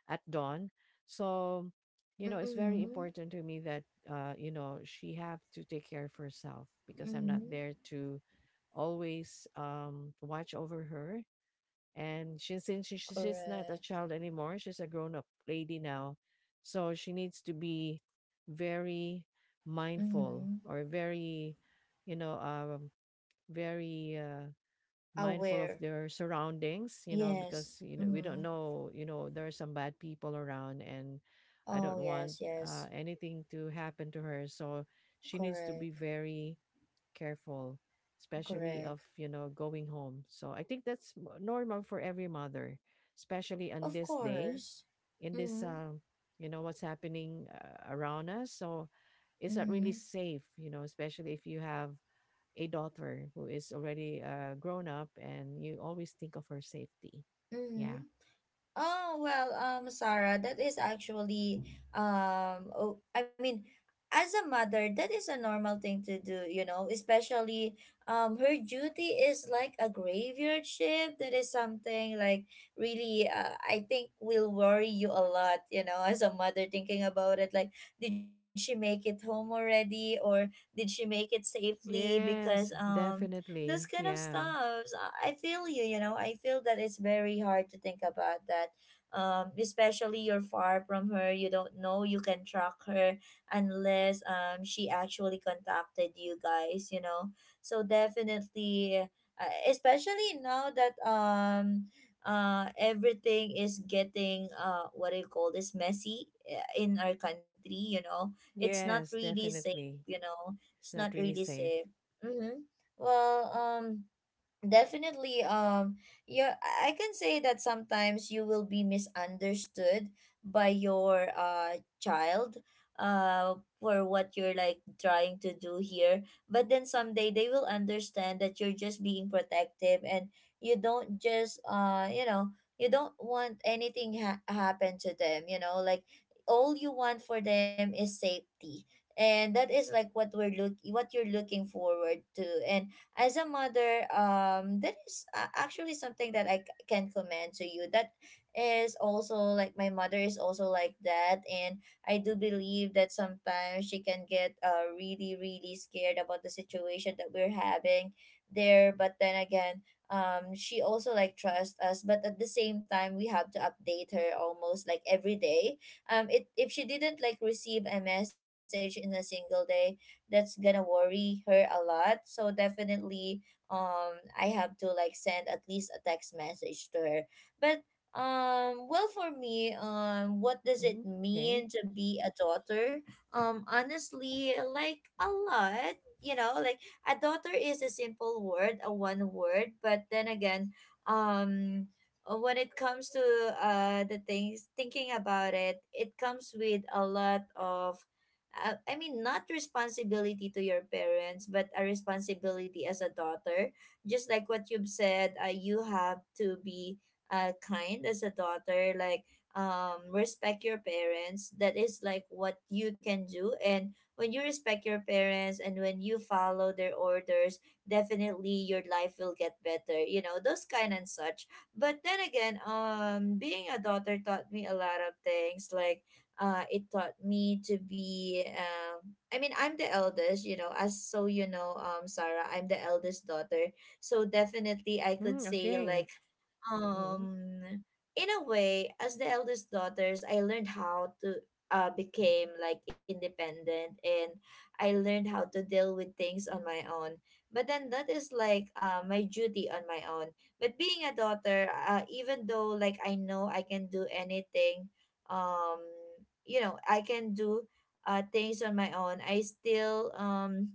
at dawn. So, you know, it's very
Mhm.
important to me that, you know, she have to take care of herself, because I'm
Mhm.
not there to always watch over her. And since she, she's not a
Correct.
child anymore, she's a grown up lady now. So she needs to be very mindful,
Mhm.
or very, you know, very, mindful of
Aware.
their surroundings, you know,
Yes.
because, you know, we don't
Mhm.
know, you know, there are some bad people around, and I
Oh
don't want
yes. Yes.
anything to happen to her. So she needs to be
Correct.
very careful, especially of,
Correct.
you know, going home. So I think that's normal for every mother, especially on
Of
this day,
course.
in this,
Mhm.
you know, what's happening around us. So it's not really
Mhm.
safe, you know, especially if you have a daughter who is already grown up, and you always think of her safety.
Mhm.
Yeah.
Oh, well, Sarah, that is actually, oh, I mean, as a mother, that is a normal thing to do, you know, especially, her duty is like a graveyard shift. That is something like really, I think will worry you a lot, you know, as a mother thinking about it. Like, did she make it home already or did she make it safely? Because,
Yes,
those
definitely.
kind of
Yeah.
stuffs. I feel you, you know. I feel that it's very hard to think about that. Especially you're far from her. You don't know you can track her unless she actually contacted you guys, you know. So definitely, especially now that everything is getting what do you call this, messy, in our country, you know. It's not
Yes,
really safe,
definitely.
you know. It's
It's
not
not really
really
safe.
safe. Mm-hmm. Well, definitely, yeah, I can say that sometimes you will be misunderstood by your child uh for what you're like trying to do here. But then someday they will understand that you're just being protective and you don't just you know you don't want anything happen to them. You know, like all you want for them is safety. And that is like what we're look what you're looking forward to. And as a mother, that is actually something that I can commend to you, that is also like my mother is also like that. And I do believe that sometimes she can get really, really scared about the situation that we're having there. But then again, she also like trusts us, but at the same time we have to update her almost like every day. If she didn't like receive a message in a single day, that's gonna worry her a lot. So definitely, I have to like send at least a text message to her. But well, for me, what does
Mhm.
it
Okay.
mean to be a daughter? Honestly, like a lot. You know, like a daughter is a simple word, a one word, but then again, um when it comes to the things thinking about it, it comes with a lot of I mean, not responsibility to your parents, but a responsibility as a daughter. Just like what you've said, you have to be kind as a daughter, like respect your parents. That is like what you can do. And when you respect your parents and when you follow their orders, definitely your life will get better, you know, those kind and such. But then again, being a daughter taught me a lot of things, like it taught me to be, I mean, I'm the eldest, you know, as so, you know, Sarah, I'm the eldest daughter, so definitely I could
Mm,
say
okay.
like
Mhm.
um in a way, as the eldest daughters, I learned how to became like independent, and I learned how to deal with things on my own. But then that is like my duty on my own. But being a daughter, even though like I know I can do anything, um you know, I can do things on my own, I still,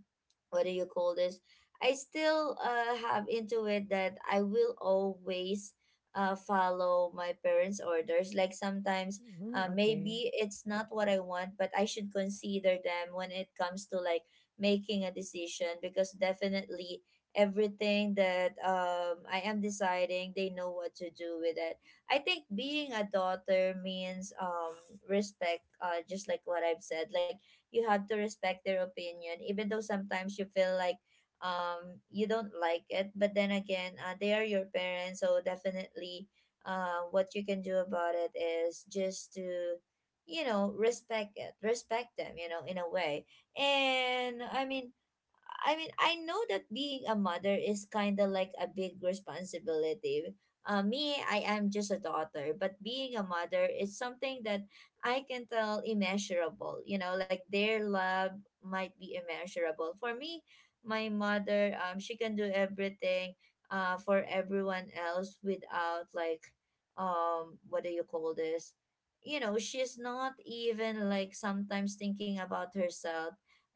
what do you call this, I still, have into it that I will always, follow my parents' orders. Like sometimes,
Mhm, okay.
maybe it's not what I want, but I should consider them when it comes to like making a decision, because definitely everything that, I am deciding, they know what to do with it. I think being a daughter means, respect, just like what I've said. Like you have to respect their opinion, even though sometimes you feel like, you don't like it. But then again, they are your parents, so definitely, what you can do about it is just to, you know, respect it, respect them, you know, in a way. And I mean, I mean, I know that being a mother is kind of like a big responsibility. Me, I am just a daughter, but being a mother is something that I can tell immeasurable. You know, like their love might be immeasurable. For me, my mother, she can do everything, for everyone else, without like, what do you call this? You know, she's not even like sometimes thinking about herself,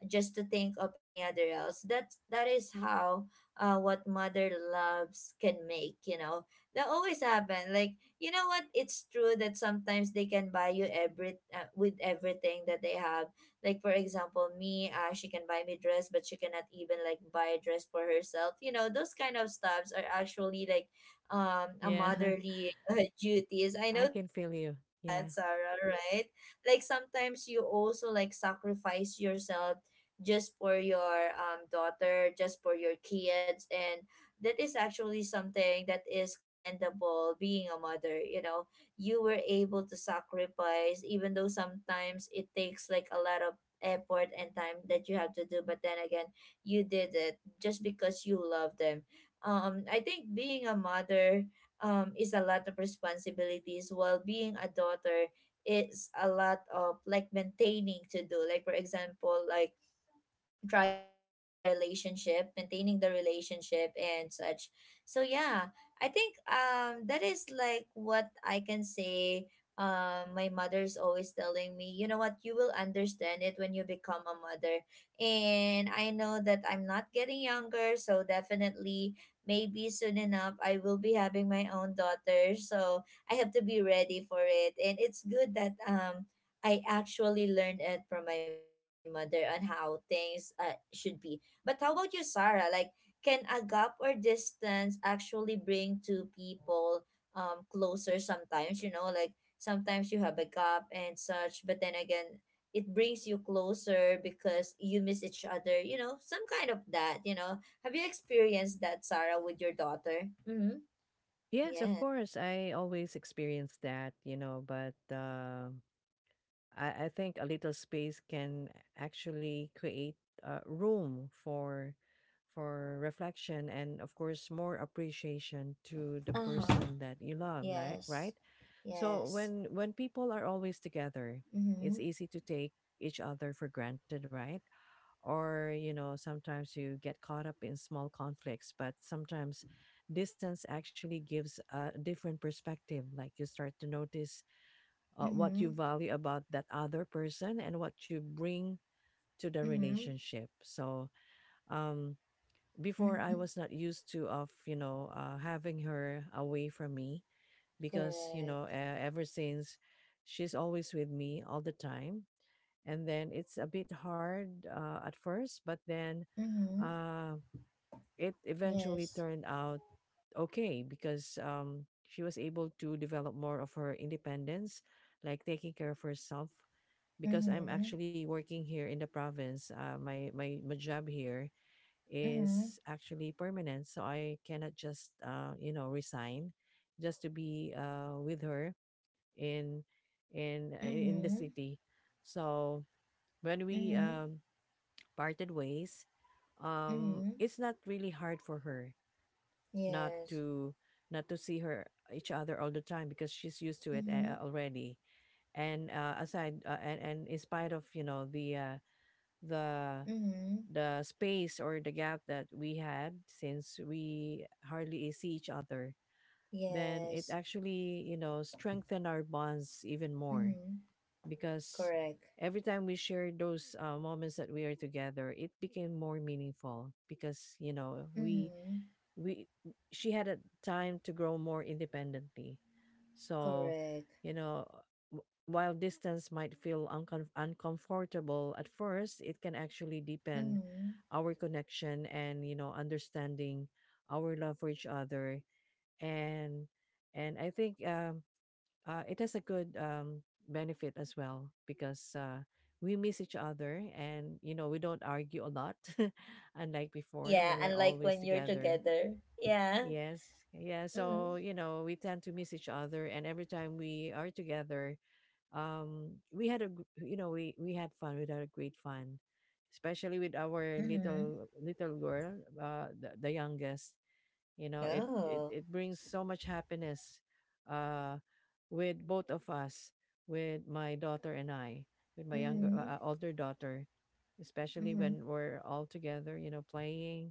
just to think of any other else. That is how what mother loves can make, you know. That always happen. Like, you know what? It's true that sometimes they can buy you every, with everything that they have. Like for example, me, she can buy me dress, but she cannot even like buy a dress for herself. You know, those kind of stuffs are actually like a
Yeah,
motherly duties. I
I
know
can
that you're
feel you.
like
Yeah.
that, Sarah, right? Like sometimes you also like sacrifice yourself just for your, daughter, just for your kids. And that is actually something that is commendable being a mother. You know, you were able to sacrifice, even though sometimes it takes like a lot of effort and time that you have to do. But then again, you did it just because you love them. I think being a mother, is a lot of responsibilities, while being a daughter, it's a lot of like maintaining to do, like for example like trying to maintain the relationship, maintaining the relationship and such. So yeah, I think that is like what I can say. My mother's always telling me, you know what, you will understand it when you become a mother. And I know that I'm not getting younger, so definitely maybe soon enough I will be having my own daughter, so I have to be ready for it. And it's good that I actually learned it from my mother on how things should be. But how about you, Sarah? Like, can a gap or distance actually bring two people closer sometimes? You know, like sometimes you have a gap and such, but then again, it brings you closer because you miss each other, you know, some kind of that, you know. Have you experienced that, Sarah, with your daughter? Mm-hmm.
Yes, of
Yeah.
course. I always experience that, you know, but I think a little space can actually create room for reflection, and of course more appreciation to the
Uh-huh.
person that you love, like,
Yes.
right? So
Yes.
when people are always together,
Mm-hmm.
it's easy to take each other for granted, right? Or, you know, sometimes you get caught up in small conflicts, but sometimes distance actually gives a different perspective, like you start to notice what
Mm-hmm.
you value about that other person and what you bring to the
Mm-hmm.
relationship. So, um before,
Mm-hmm.
I was not used to of, you know, having her away from me, because, you know,
Correct.
ever since, she's always with me all the time. And then it's a bit hard, at first, but then
Mm-hmm.
uh, it eventually
Yes.
turned out okay, because, she was able to develop more of her independence, like taking care of herself. Because I'm
Mm-hmm.
actually working here in the province, my, my job here
Mm-hmm.
is actually permanent, so I cannot just, you know, resign, just to be, with her in in the
Mm-hmm.
city. So when we,
Mm-hmm.
parted ways,
Mm-hmm.
it's not really hard for her not
Yes.
to not to see her each other all the time, because she's used to it,
Mm-hmm.
already. And and in spite of, you know, the
Mm-hmm.
the space or the gap that we had, since we hardly see each other, then it
Yes.
actually, you know, strengthened our bonds even more.
Mm-hmm.
Because
Correct.
every time we shared those moments that we are together, it became more meaningful, because, you know,
Mm-hmm.
we she had a time to grow more independently. So,
Correct.
you know, while distance might feel uncomfortable at first, it can actually deepen
Mm-hmm.
our connection and, you know, understanding our love for each other. And and I think, it has a good, benefit as well, because we miss each other, and, you know, we don't argue a lot, unlike before
Yeah,
when we're
and like
always
when you're
together.
together. Yeah.
Yes. Yeah.
Mm-hmm.
So, you know, we tend to miss each other, and every time we are together, we had a you know, we had fun. We had a great fun. Especially with our
Mm-hmm.
little little girl, the youngest. You know, it, it
Oh.
it brings so much happiness uh with both of us, with my daughter and I, with my younger
Mm-hmm.
older daughter, especially
Mm-hmm.
when we're all together, you know, playing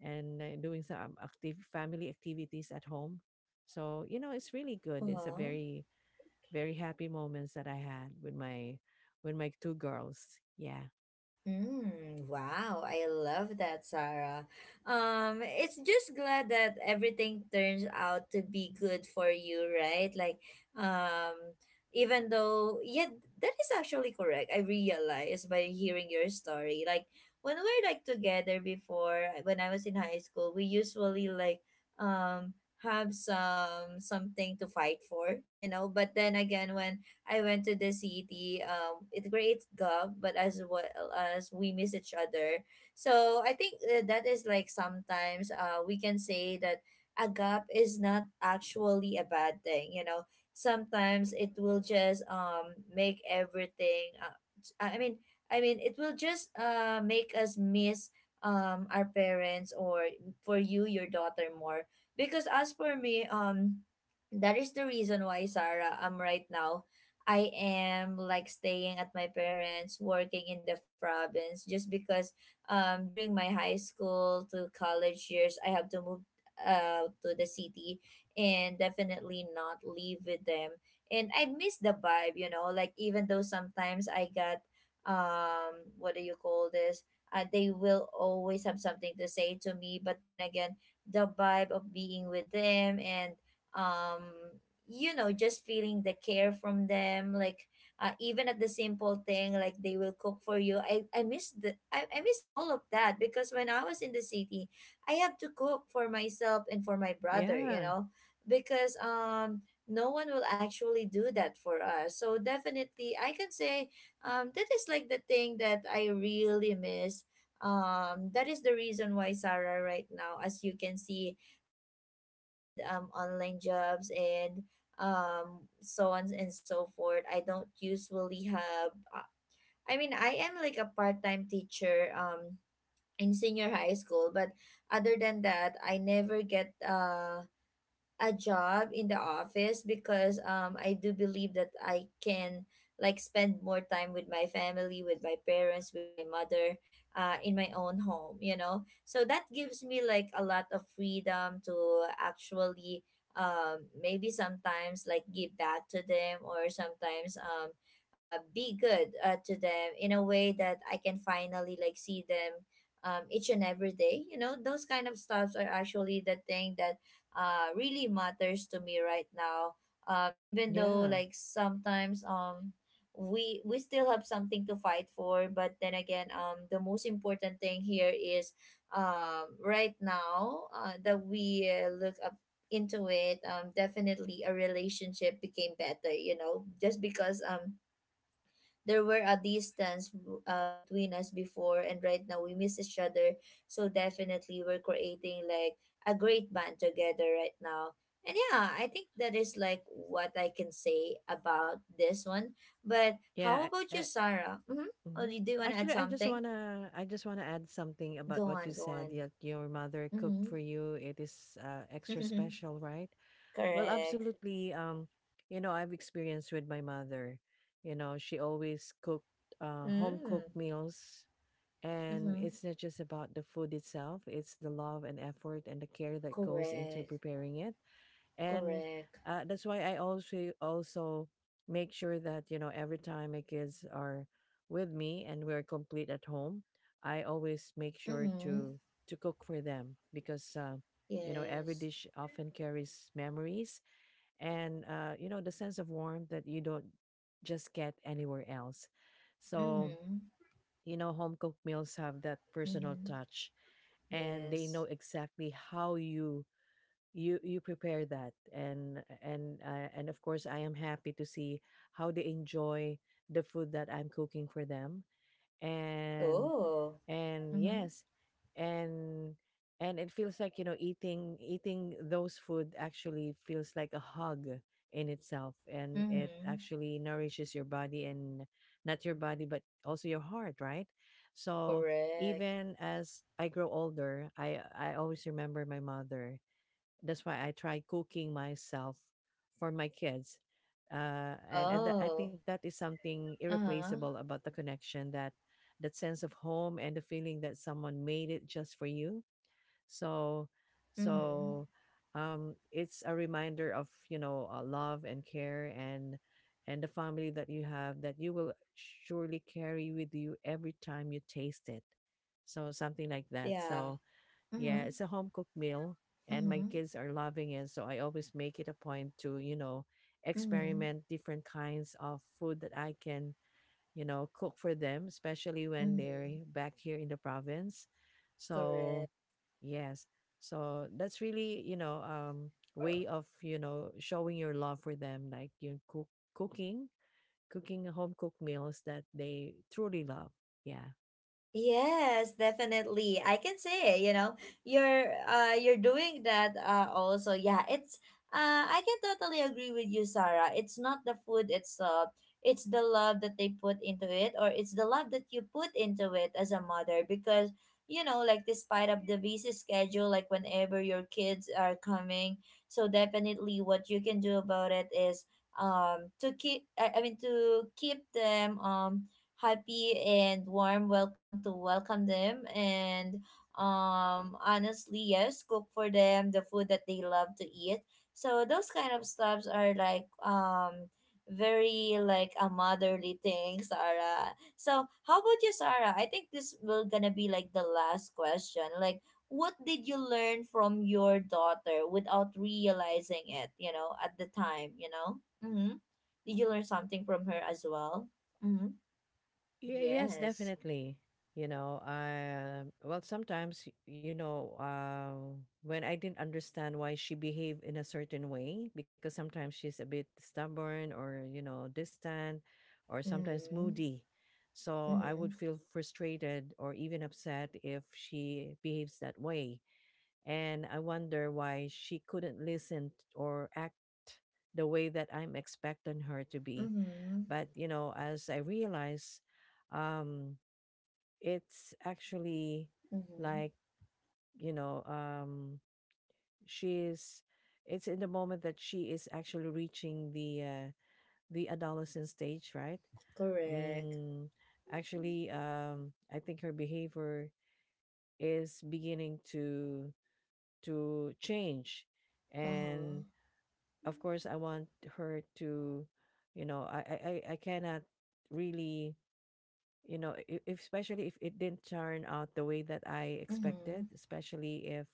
and, doing some active family activities at home. So, you know, it's really good. It's a
Well.
very, very happy moments that I had with my two girls. Yeah.
Mm, wow, I love that, Sarah. It's just glad that everything turns out to be good for you, right? Like, um, even though, yeah, that is actually correct. I realized by hearing your story. Like, when we're like together before, when I was in high school, we usually like, um, have something to fight for, you know. But then again, when I went to the city. It creates gap, but as well as we miss each other. So I think that is like sometimes we can say that a gap is not actually a bad thing. You know, sometimes it will just make everything. I mean, I mean, it will just make us miss our parents, or for you your daughter, more, because as for me, that is the reason why, Sarah, I'm right now, I am like staying at my parents, working in the province, just because during my high school to college years, I have to move to the city, and definitely not live with them. And I miss the vibe, you know, like even though sometimes I got, what do you call this? They will always have something to say to me, but then again, the vibe of being with them, and um you know, just feeling the care from them, like even at the simple thing like they will cook for you, I miss all of that, because when I was in the city I had to cook for myself and for my brother, you
Yeah.
know, because no one will actually do that for us. So definitely I can say that is like the thing that I really miss. That is the reason why, Sarah, right now, as you can see, I'm dealing with online jobs and so on and so forth. I don't usually have uh, I mean, I am like a part-time teacher in senior high school, but other than that I never get a job in the office, because I do believe that I can like spend more time with my family, with my parents, with my mother, in my own home, you know. So that gives me like a lot of freedom to actually maybe sometimes like give back to them, or sometimes be good to them, in a way that I can finally like see them, each and every day. You know, those kind of stuffs are actually the thing that really matters to me right now. Even though
Yeah.
like sometimes we still have something to fight for, but then again, the most important thing here is right now, that we look up into it. Definitely a relationship became better, you know, just because there were a distance between us before, and right now we miss each other, so definitely we're creating like a great band together right now. And yeah, I think that is like what I can say about this one. But how
Yeah.
about you,
I,
Sarah? Mm-hmm. Oh,
hmm.
you do want to add
Actually, I just
something.
wanna I just wanna add something about
Go
what you
on, go
said,
on.
that your mother
Mm-hmm.
cooked for you. It is, extra special, right? Well,
Correct.
absolutely. You know, I've experienced with my mother. You know, she always cooked, home cooked
Mm.
meals. And
Mm-hmm.
it's not just about the food itself, it's the love and effort and the care that goes into
Correct.
preparing it. And
Correct.
that's why I also make sure that, you know, every time my kids are with me and we're complete at home, I always make sure
Mm-hmm.
to cook for them, because, you know, every
Yes.
dish often carries memories, and, you know, the sense of warmth that you don't just get anywhere else. So,
Mm-hmm.
you know, home cooked meals have that personal
Mm-hmm.
touch, and they know
Yes.
exactly how you prepare that. And of course I am happy to see how they enjoy the food that I'm cooking for them. and
Oh.
and
Mm-hmm.
yes, and and it feels like, you know, eating those food actually feels like a hug in itself, and it
Mm-hmm.
actually nourishes your body and, not your body but also your heart, right? So
Correct.
even as I grow older, I always remember my mother. That's why I try cooking myself for my kids. And I think
Oh.
that is something
Uh-huh.
irreplaceable about the connection, that sense of home and the feeling that someone made it just for you. So,
Mm-hmm.
so, it's a reminder of, you know, love and care, and the family that you have, that you will surely carry with you every time you taste it. So, something like that.
Yeah.
So, yeah,
Mm-hmm.
it's a home cooked meal, and my
Mm-hmm.
kids are loving it. So I always make it a point to, you know,
Mm-hmm.
experiment different kinds of food that I can, you know, cook for them, especially when they're
Mm-hmm.
back here in the province.
Correct.
So, yes. So that's really, you know, way of, you know, showing your love for them, like you cooking, cooking home cooked meals that they truly love. Yeah.
Yes, definitely. I can say, you know, you're doing that also. Yeah, it's I can totally agree with you, Sarah. It's not the food itself. It's the love that they put into it, or it's the love that you put into it as a mother, because you know, like despite of the busy schedule, like whenever your kids are coming, so definitely what you can do about it is to keep, I mean to keep them happy and warm welcome, to welcome them, and honestly, yes, cook for them the food that they love to eat. So those kind of stuffs are like very like a motherly thing, Sarah. So how about you, Sarah? I think this will gonna be like the last question, like what did you learn from your daughter without realizing it, you know, at the time, you know? Mm-hmm. Did you learn something from her as well? Mm-hmm.
Yes,
Yes.
definitely. You know, well, sometimes, you know, when I didn't understand why she behaved in a certain way, because sometimes she's a bit stubborn, or, you know, distant, or sometimes
Mm-hmm.
moody. So I would
Mm-hmm.
feel frustrated or even upset if she behaves that way. And I wonder why she couldn't listen, or act the way that I'm expecting her to be.
Mm-hmm.
But, you know, as I realize, um, it's actually,
Mm-hmm.
like, you know, she's, it's in the moment that she is actually reaching the, adolescent stage, right?
Correct.
Um, actually, I think her behavior is beginning to, change.
Uh-huh.
And of course, I want her to, you know, I cannot really, you know, if, especially if it didn't turn out the way that I
Mm-hmm.
expected, especially if,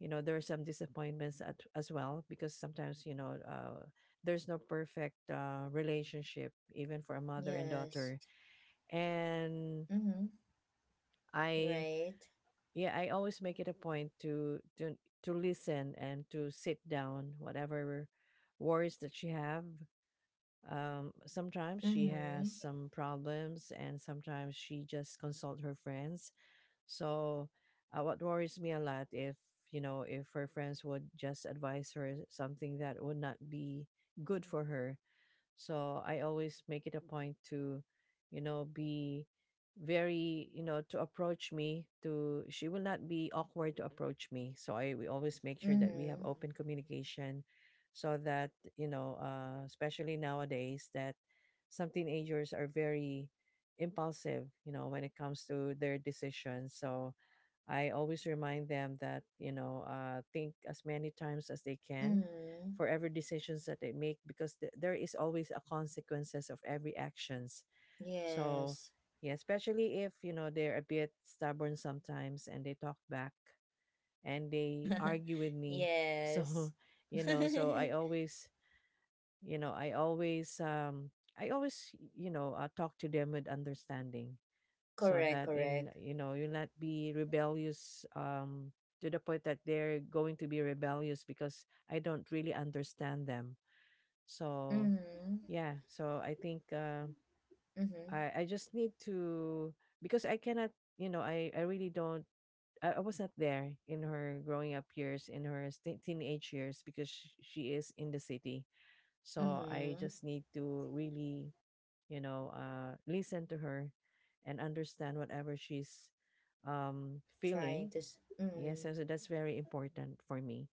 you know, there are some disappointments at, as well, because sometimes, you know, there's no perfect, relationship, even for a mother and
Yes.
daughter. And
Mm-hmm.
I
Right.
yeah I always make it a point to to listen, and to sit down whatever worries that she have. Sometimes she has
Mm-hmm.
some problems, and sometimes she just consult her friends. So, what worries me a lot, if, you know, if her friends would just advise her something that would not be good for her. So I always make it a point to, you know, be very, you know, to approach me, to she will not be awkward to approach me. So I we always make sure that we have
Mm-hmm.
open communication, so that, you know, especially nowadays, that some teenagers are very impulsive, you know, when it comes to their decisions. So I always remind them that, you know, think as many times as they can
Mm-hmm.
for every decisions that they make, because there is always a consequences of every actions. So,
Yes.
yeah, especially if, you know, they're a bit stubborn sometimes, and they talk back and they argue with me.
Yes.
So, you know, so I always, you know, I always, you know, talk to them with understanding, so
Correct,
that in,
correct.
you know, you'll not be rebellious, to the point that they're going to be rebellious, because I don't really understand them. So,
Mm-hmm.
yeah, so I think, uh,
Mm-hmm.
I I just need to, because I cannot, you know, I really don't. I was not there in her growing up years, in her teenage years, because she is in the city. So I
Mm-hmm.
just need to really, you know, listen to her and understand whatever she's, feeling. Yes,
Mm.
so that's very important for me.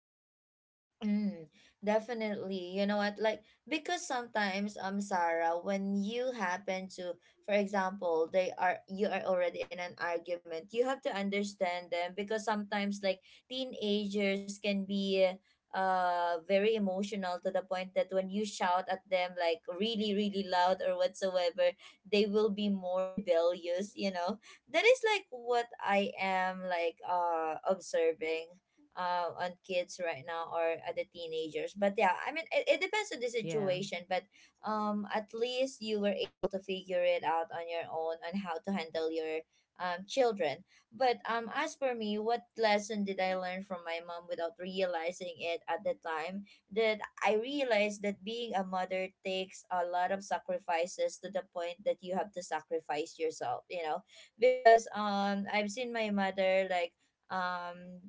Mm, definitely. You know what? Like, because sometimes Sarah, when you happen to, for example, they are you are already in an argument, you have to understand them, because sometimes like teenagers can be very emotional to the point that when you shout at them like really really loud or whatsoever, they will be more rebellious, you know. That is like what I am like observing on kids right now or other teenagers. But yeah, I mean, it depends on the
Yeah.
situation. But at least you were able to figure it out on your own on how to handle your children. But as for me, what lesson did I learn from my mom without realizing it at the time? That I realized that being a mother takes a lot of sacrifices to the point that you have to sacrifice yourself. You know, because I've seen my mother like um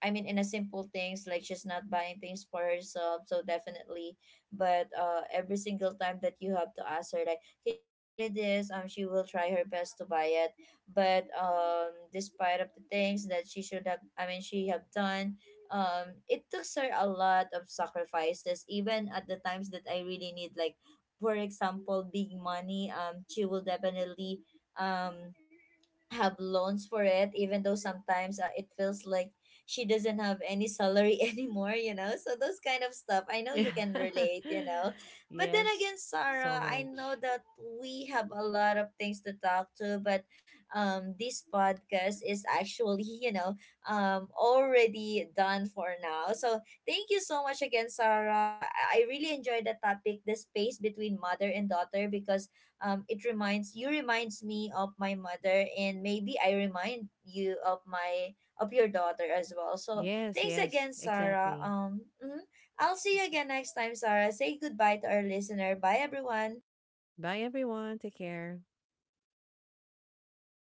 I mean, in a simple things like she's not buying things for herself, so definitely. But every single time that you have to ask her, like, "Can you buy me this?" She will try her best to buy it. But despite of the things that she should have, I mean, she have done, it took her a lot of sacrifices. Even at the times that I really need, like, for example, big money. She will definitely um have loans for it, even though sometimes it feels like she doesn't have any salary anymore, you know. So those kind of stuff I know you can relate, you know. But then again,
Yes,
Sarah,
so
I know
much.
that we have a lot of things to talk to, but this podcast is actually you know already done for now. So thank you so much again, Sarah. I really enjoyed the topic, the space between mother and daughter, because it reminds you reminds me of my mother, and maybe I remind you of my of your daughter as well. So
Yes,
thanks
yes,
again, Sarah.
exactly.
Mhm. I'll see you again next time, Sarah. Say goodbye to our listener. Bye, everyone.
Bye, everyone. Take care.